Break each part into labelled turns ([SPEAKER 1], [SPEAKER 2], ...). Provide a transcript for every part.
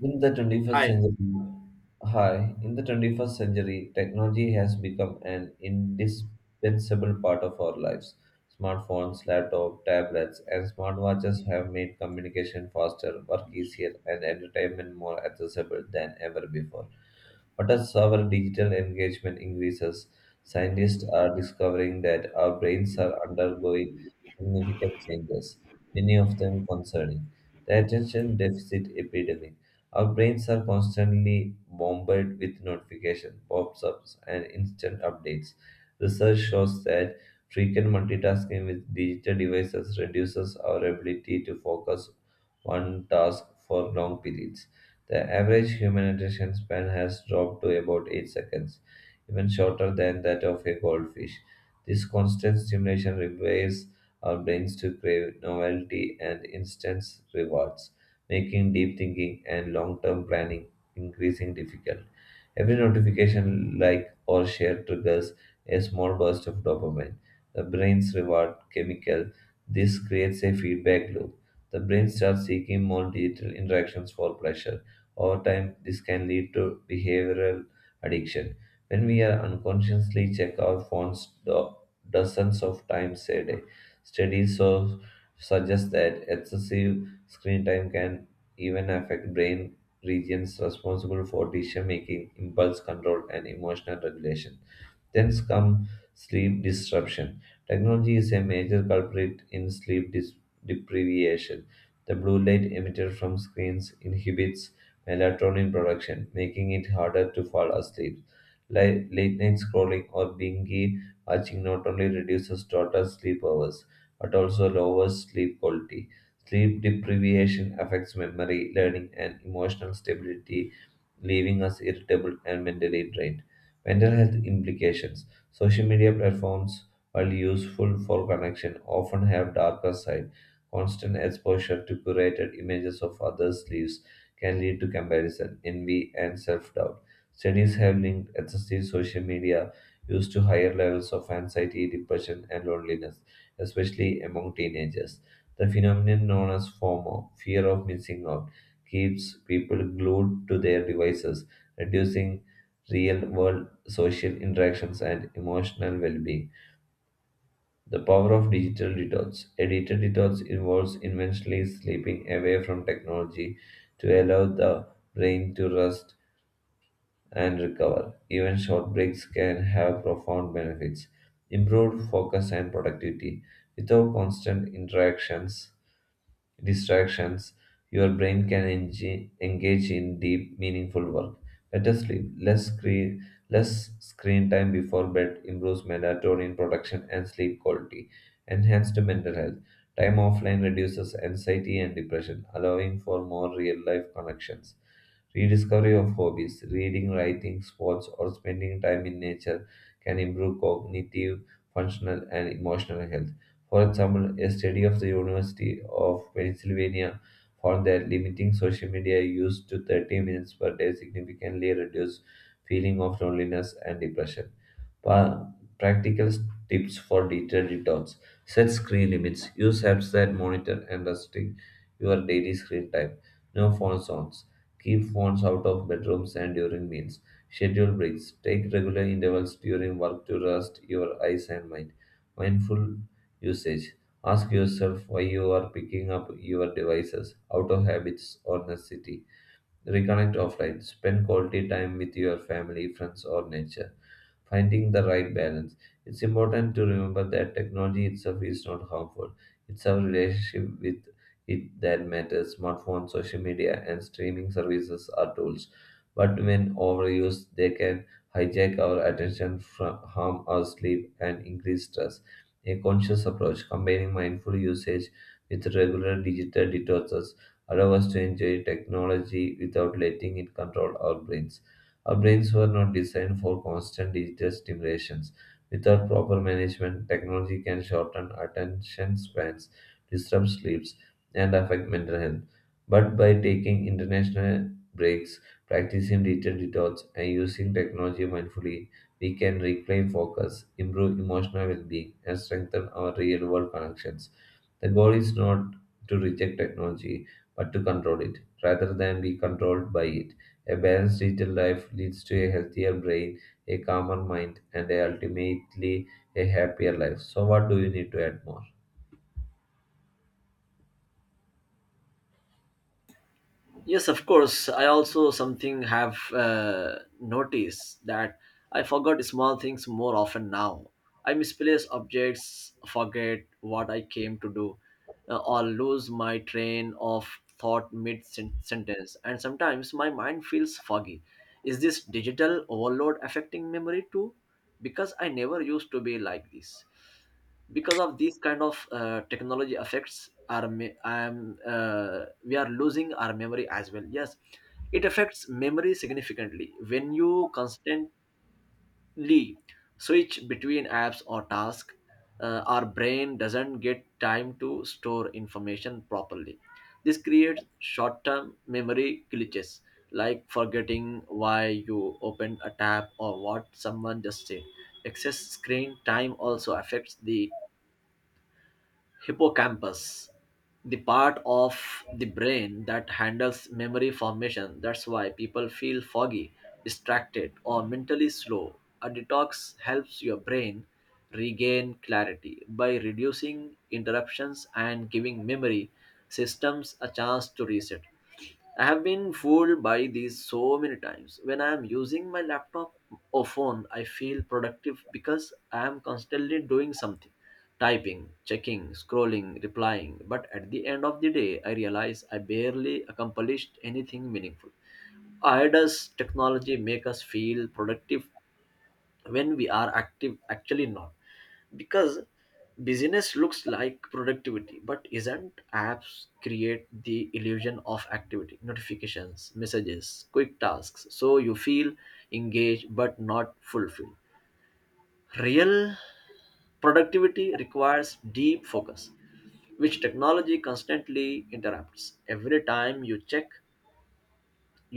[SPEAKER 1] In the 21st
[SPEAKER 2] Hi.
[SPEAKER 1] century, technology has become an indispensable part of our lives. Smartphones, laptops, tablets, and smartwatches have made communication faster, work easier, and entertainment more accessible than ever before. But as our digital engagement increases, scientists are discovering that our brains are undergoing significant changes, many of them concerning the attention deficit epidemic. Our brains are constantly bombarded with notifications, pop ups, and instant updates. Research shows that frequent multitasking with digital devices reduces our ability to focus one task for long periods. The average human attention span has dropped to about 8 seconds, even shorter than that of a goldfish. This constant stimulation requires our brains to crave novelty and instant rewards, making deep thinking and long term planning increasingly difficult. Every notification, like, or share triggers a small burst of dopamine, the brain's reward chemical. This creates a feedback loop. The brain starts seeking more digital interactions for pleasure over time, this can lead to behavioral addiction. When we are unconsciously check our phones dozens of times a day, studies suggest that excessive screen time can even affect brain regions responsible for decision making, impulse control, and emotional regulation. Then come sleep disruption. Technology is a major culprit in deprivation. The blue light emitted from screens inhibits melatonin production, making it harder to fall asleep. Late night scrolling or binge watching not only reduces total sleep hours but also lowers sleep quality. Sleep deprivation affects memory, learning, and emotional stability, leaving us irritable and mentally drained. Mental health implications. Social media platforms, while useful for connection, often have darker side. Constant exposure to curated images of others' lives can lead to comparison, envy, and self-doubt. Studies have linked excessive social media use to higher levels of anxiety, depression, and loneliness, especially among teenagers. The phenomenon known as FOMO, fear of missing out, keeps people glued to their devices, reducing real world social interactions and emotional well being. The power of digital detox. A digital detox involves intentionally sleeping away from technology to allow the brain to rest and recover. Even short breaks can have profound benefits. Improved focus and productivity. Without constant interactions, distractions, your brain can engage in deep, meaningful work. Better sleep, less screen time before bed improves melatonin production and sleep quality. Enhanced mental health. Time offline reduces anxiety and depression, allowing for more real life connections. Rediscovery of hobbies, reading, writing, sports, or spending time in nature can improve cognitive, functional, and emotional health. For example, a study of the University of Pennsylvania found that limiting social media use to 30 minutes per day significantly reduced feeling of loneliness and depression. Pa- Practical tips for digital detox. Set screen limits. Use apps that monitor and restrict your daily screen time. No phone zones. Keep phones out of bedrooms and during meals. Schedule breaks. Take regular intervals during work to rest your eyes and mind. Mindful usage. Ask yourself why you are picking up your devices out of habits or necessity. Reconnect offline. Spend quality time with your family, friends, or nature. Finding the right balance. It's important to remember that technology itself is not harmful. It's our relationship with it that matters. Smartphones, social media, and streaming services are tools, but when overused, they can hijack our attention, harm our sleep, and increase stress. A conscious approach combining mindful usage with regular digital detoxes allow us to enjoy technology without letting it control our brains. Our brains were not designed for constant digital stimulations. Without proper management, technology can shorten attention spans, disrupt sleeps, and affect mental health. But by taking international breaks, practicing digital detox, and using technology mindfully, we can reclaim focus, improve emotional well being, and strengthen our real world connections. The goal is not to reject technology, but to control it, rather than be controlled by it. A balanced digital life leads to a healthier brain, a calmer mind, and a ultimately a happier life. So, what do you need to add more?
[SPEAKER 2] Yes, of course. I also something have noticed that I forgot small things more often now. I misplace objects, forget what I came to do, or lose my train of thought sentence. And sometimes my mind feels foggy. Is this digital overload affecting memory too? Because I never used to be like this. Because of these kind of technology effects we are losing our memory as well. Yes, it affects memory significantly. When you constantly switch between apps or tasks, our brain doesn't get time to store information properly. This creates short-term memory glitches, like forgetting why you opened a tab or what someone just said. Excess screen time also affects the hippocampus, the part of the brain that handles memory formation. That's why people feel foggy, distracted, or mentally slow. A detox helps your brain regain clarity by reducing interruptions and giving memory systems a chance to reset. I have been fooled by these so many times. When I am using my laptop or phone, I feel productive because I am constantly doing something: typing, checking, scrolling, replying. But at the end of the day, I realize I barely accomplished anything meaningful. Why does technology make us feel productive when we are active? Actually, not because busyness looks like productivity, but isn't. Apps create the illusion of activity: notifications, messages, quick tasks, so you feel engaged but not fulfilled. Real productivity requires deep focus, which technology constantly interrupts. Every time you check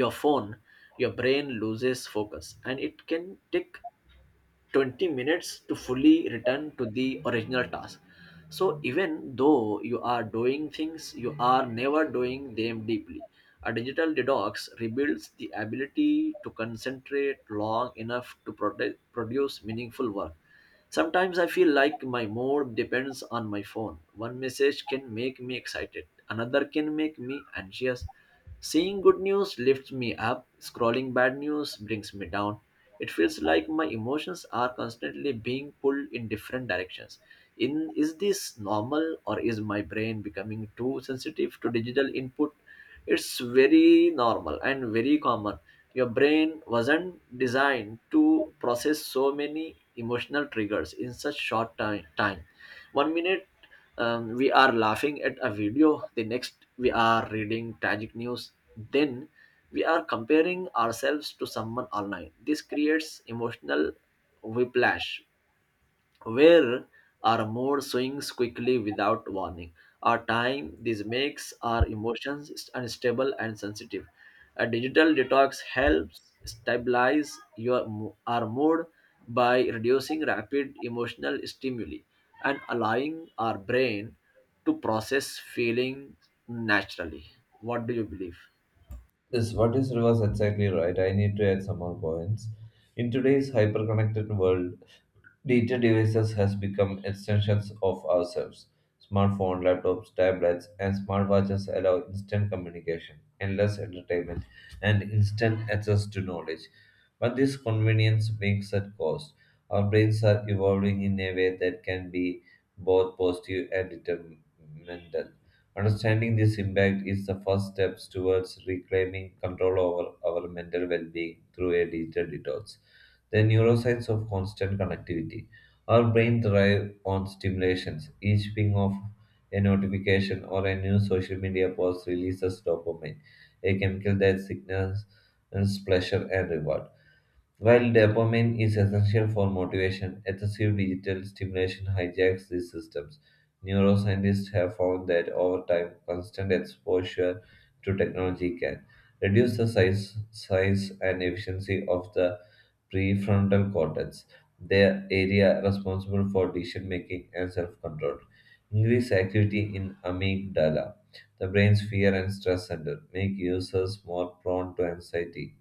[SPEAKER 2] your phone, your brain loses focus, and it can take 20 minutes to fully return to the original task. So even though you are doing things, you are never doing them deeply. A digital detox rebuilds the ability to concentrate long enough to produce meaningful work. Sometimes I feel like my mood depends on my phone. One message can make me excited, another can make me anxious. Seeing good news lifts me up, scrolling bad news brings me down. It feels like my emotions are constantly being pulled in different directions. In Is this normal, or is my brain becoming too sensitive to digital input? It's very normal and very common. Your brain wasn't designed to process so many emotional triggers in such short time. One minute we are laughing at a video, the next we are reading tragic news, then we are comparing ourselves to someone online. This creates emotional whiplash, where our mood swings quickly without warning. Our time, this makes our emotions unstable and sensitive. A digital detox helps stabilize our mood by reducing rapid emotional stimuli and allowing our brain to process feelings naturally. What do you believe?
[SPEAKER 1] Yes, what is reverse exactly right? I need to add some more points. In today's hyper-connected world, digital devices has become extensions of ourselves. Smartphones, laptops, tablets, and smartwatches allow instant communication, endless entertainment, and instant access to knowledge. But this convenience makes at cost. Our brains are evolving in a way that can be both positive and detrimental. Understanding this impact is the first steps towards reclaiming control over our mental well-being through a digital detox. The neuroscience of constant connectivity. Our brain thrives on stimulations. Each ping of a notification or a new social media post releases dopamine, a chemical that signals pleasure and reward. While dopamine is essential for motivation, excessive digital stimulation hijacks these systems. Neuroscientists have found that over time, constant exposure to technology can reduce the size and efficiency of the prefrontal cortex, the area responsible for decision making and self control. Increased activity in amygdala, the brain's fear and stress center, make users more prone to anxiety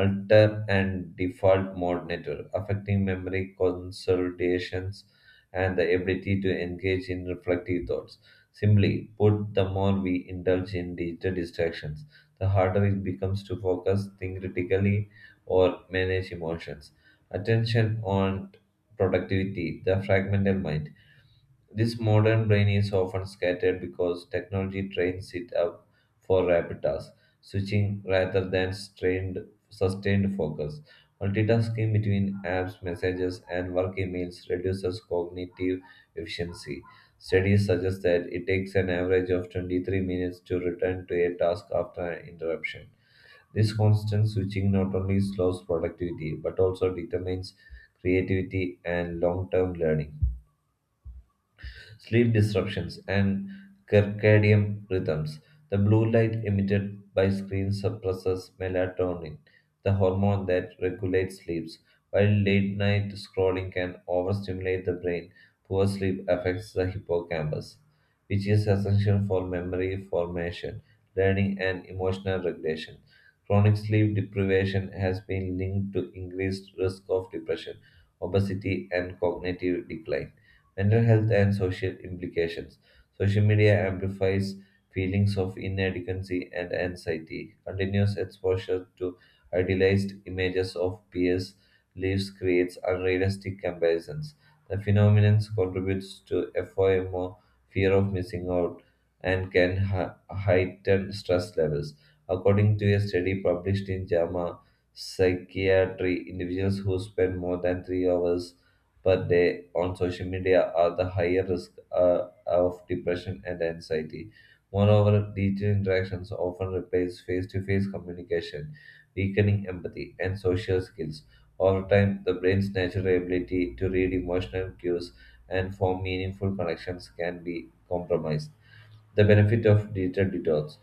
[SPEAKER 1] alter and default mode network, affecting memory consolidations and the ability to engage in reflective thoughts. Simply put, the more we indulge in digital distractions, the harder it becomes to focus, think critically, or manage emotions. Attention on productivity, the fragmental mind this modern brain is often scattered because technology trains it up for rapid tasks, switching rather than strained, sustained focus. Multitasking between apps, messages, and work emails reduces cognitive efficiency. Studies suggest that it takes an average of 23 minutes to return to a task after an interruption. This constant switching not only slows productivity but also determines creativity and long term learning sleep disruptions, and circadian rhythms. The blue light emitted by screens suppresses melatonin, the hormone that regulates sleeps, while late night scrolling can overstimulate the brain. Poor sleep affects the hippocampus, which is essential for memory formation, learning, and emotional regulation. Chronic sleep deprivation has been linked to increased risk of depression, obesity, and cognitive decline. Mental health and social implications. Social media amplifies feelings of inadequacy and anxiety. Continuous exposure to idealized images of peers' lives creates unrealistic comparisons. The phenomenon contributes to FOMO, fear of missing out, and can heighten stress levels. According to a study published in JAMA Psychiatry, individuals who spend more than 3 hours per day on social media are the higher risk of depression and anxiety. Moreover, digital interactions often replace face to face communication, weakening empathy and social skills. Over time, the brain's natural ability to read emotional cues and form meaningful connections can be compromised. The benefit of digital detox.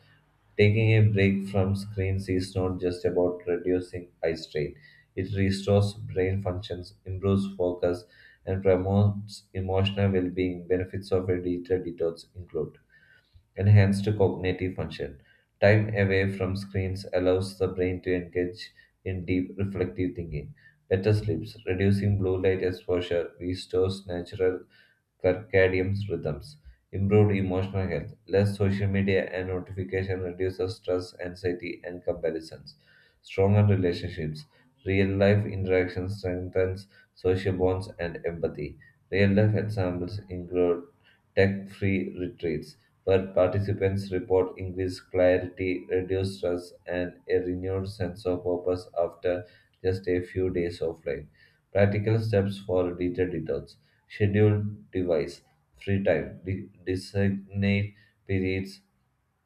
[SPEAKER 1] Taking a break from screens is not just about reducing eye strain. It restores brain functions, improves focus, and promotes emotional well being. Benefits of a digital detox include enhanced cognitive function. Time away from screens allows the brain to engage in deep reflective thinking. Better sleeps. Reducing blue light exposure restores natural circadian rhythms. Improved emotional health. Less social media and notification reduces stress, anxiety, and comparisons. Stronger relationships. Real life interaction strengthens social bonds and empathy. Real life examples include tech free retreats, where participants report increased clarity, reduced stress, and a renewed sense of purpose after just a few days offline. Practical steps for digital detox. Schedule device, free time, designate periods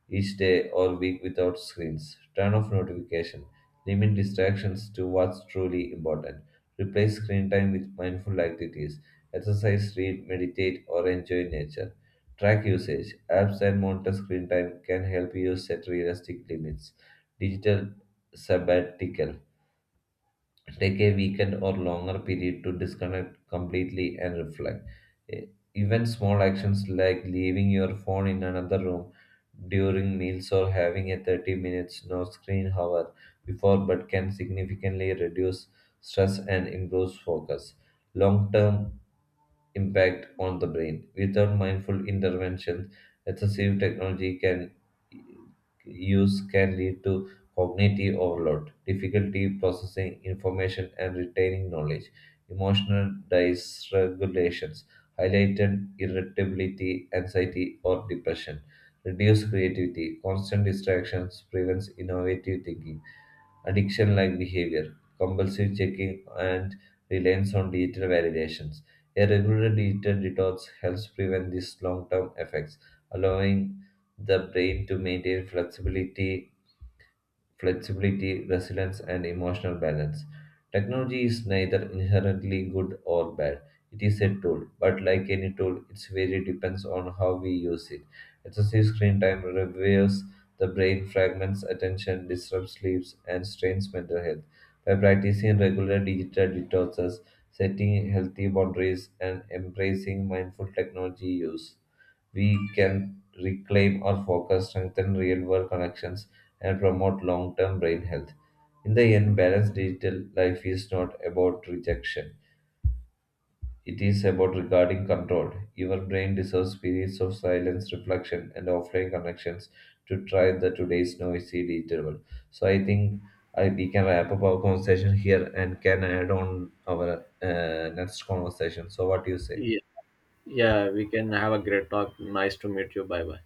[SPEAKER 1] each day or week without screens. Turn off notification. Limit distractions to what's truly important. Replace screen time with mindful activities. Exercise, read, meditate, or enjoy nature. Track usage. Apps and monitor screen time can help you set realistic limits. Digital sabbatical. Take a weekend or longer period to disconnect completely and reflect. E- Even small actions like leaving your phone in another room during meals or having a 30 minutes no screen hour before bed can significantly reduce stress and improves focus. Long term impact on the brain. Without mindful intervention, excessive technology can use can lead to cognitive overload, difficulty processing information and retaining knowledge, emotional dysregulations, highlighted irritability, anxiety, or depression, reduced creativity, constant distractions prevents innovative thinking addiction like behavior, compulsive checking, and reliance on digital validations. A regular digital detox helps prevent these long term effects, allowing the brain to maintain flexibility, resilience, and emotional balance. Technology is neither inherently good or bad. It is a tool, but like any tool, its value depends on how we use it. Excessive screen time reveals the brain fragments attention, disrupts sleep, and strains mental health. By practicing regular digital detoxes, setting healthy boundaries, and embracing mindful technology use, we can reclaim our focus, strengthen real world connections, and promote long term brain health. In the end, balanced digital life is not about rejection. It is about regarding control. Your brain deserves periods of silence, reflection, and offline connections to try the today's noisy digital world. So I think we can wrap up our conversation here and can add on our next conversation. So what do you say?
[SPEAKER 2] Yeah, we can have a great talk. Nice to meet you. Bye bye.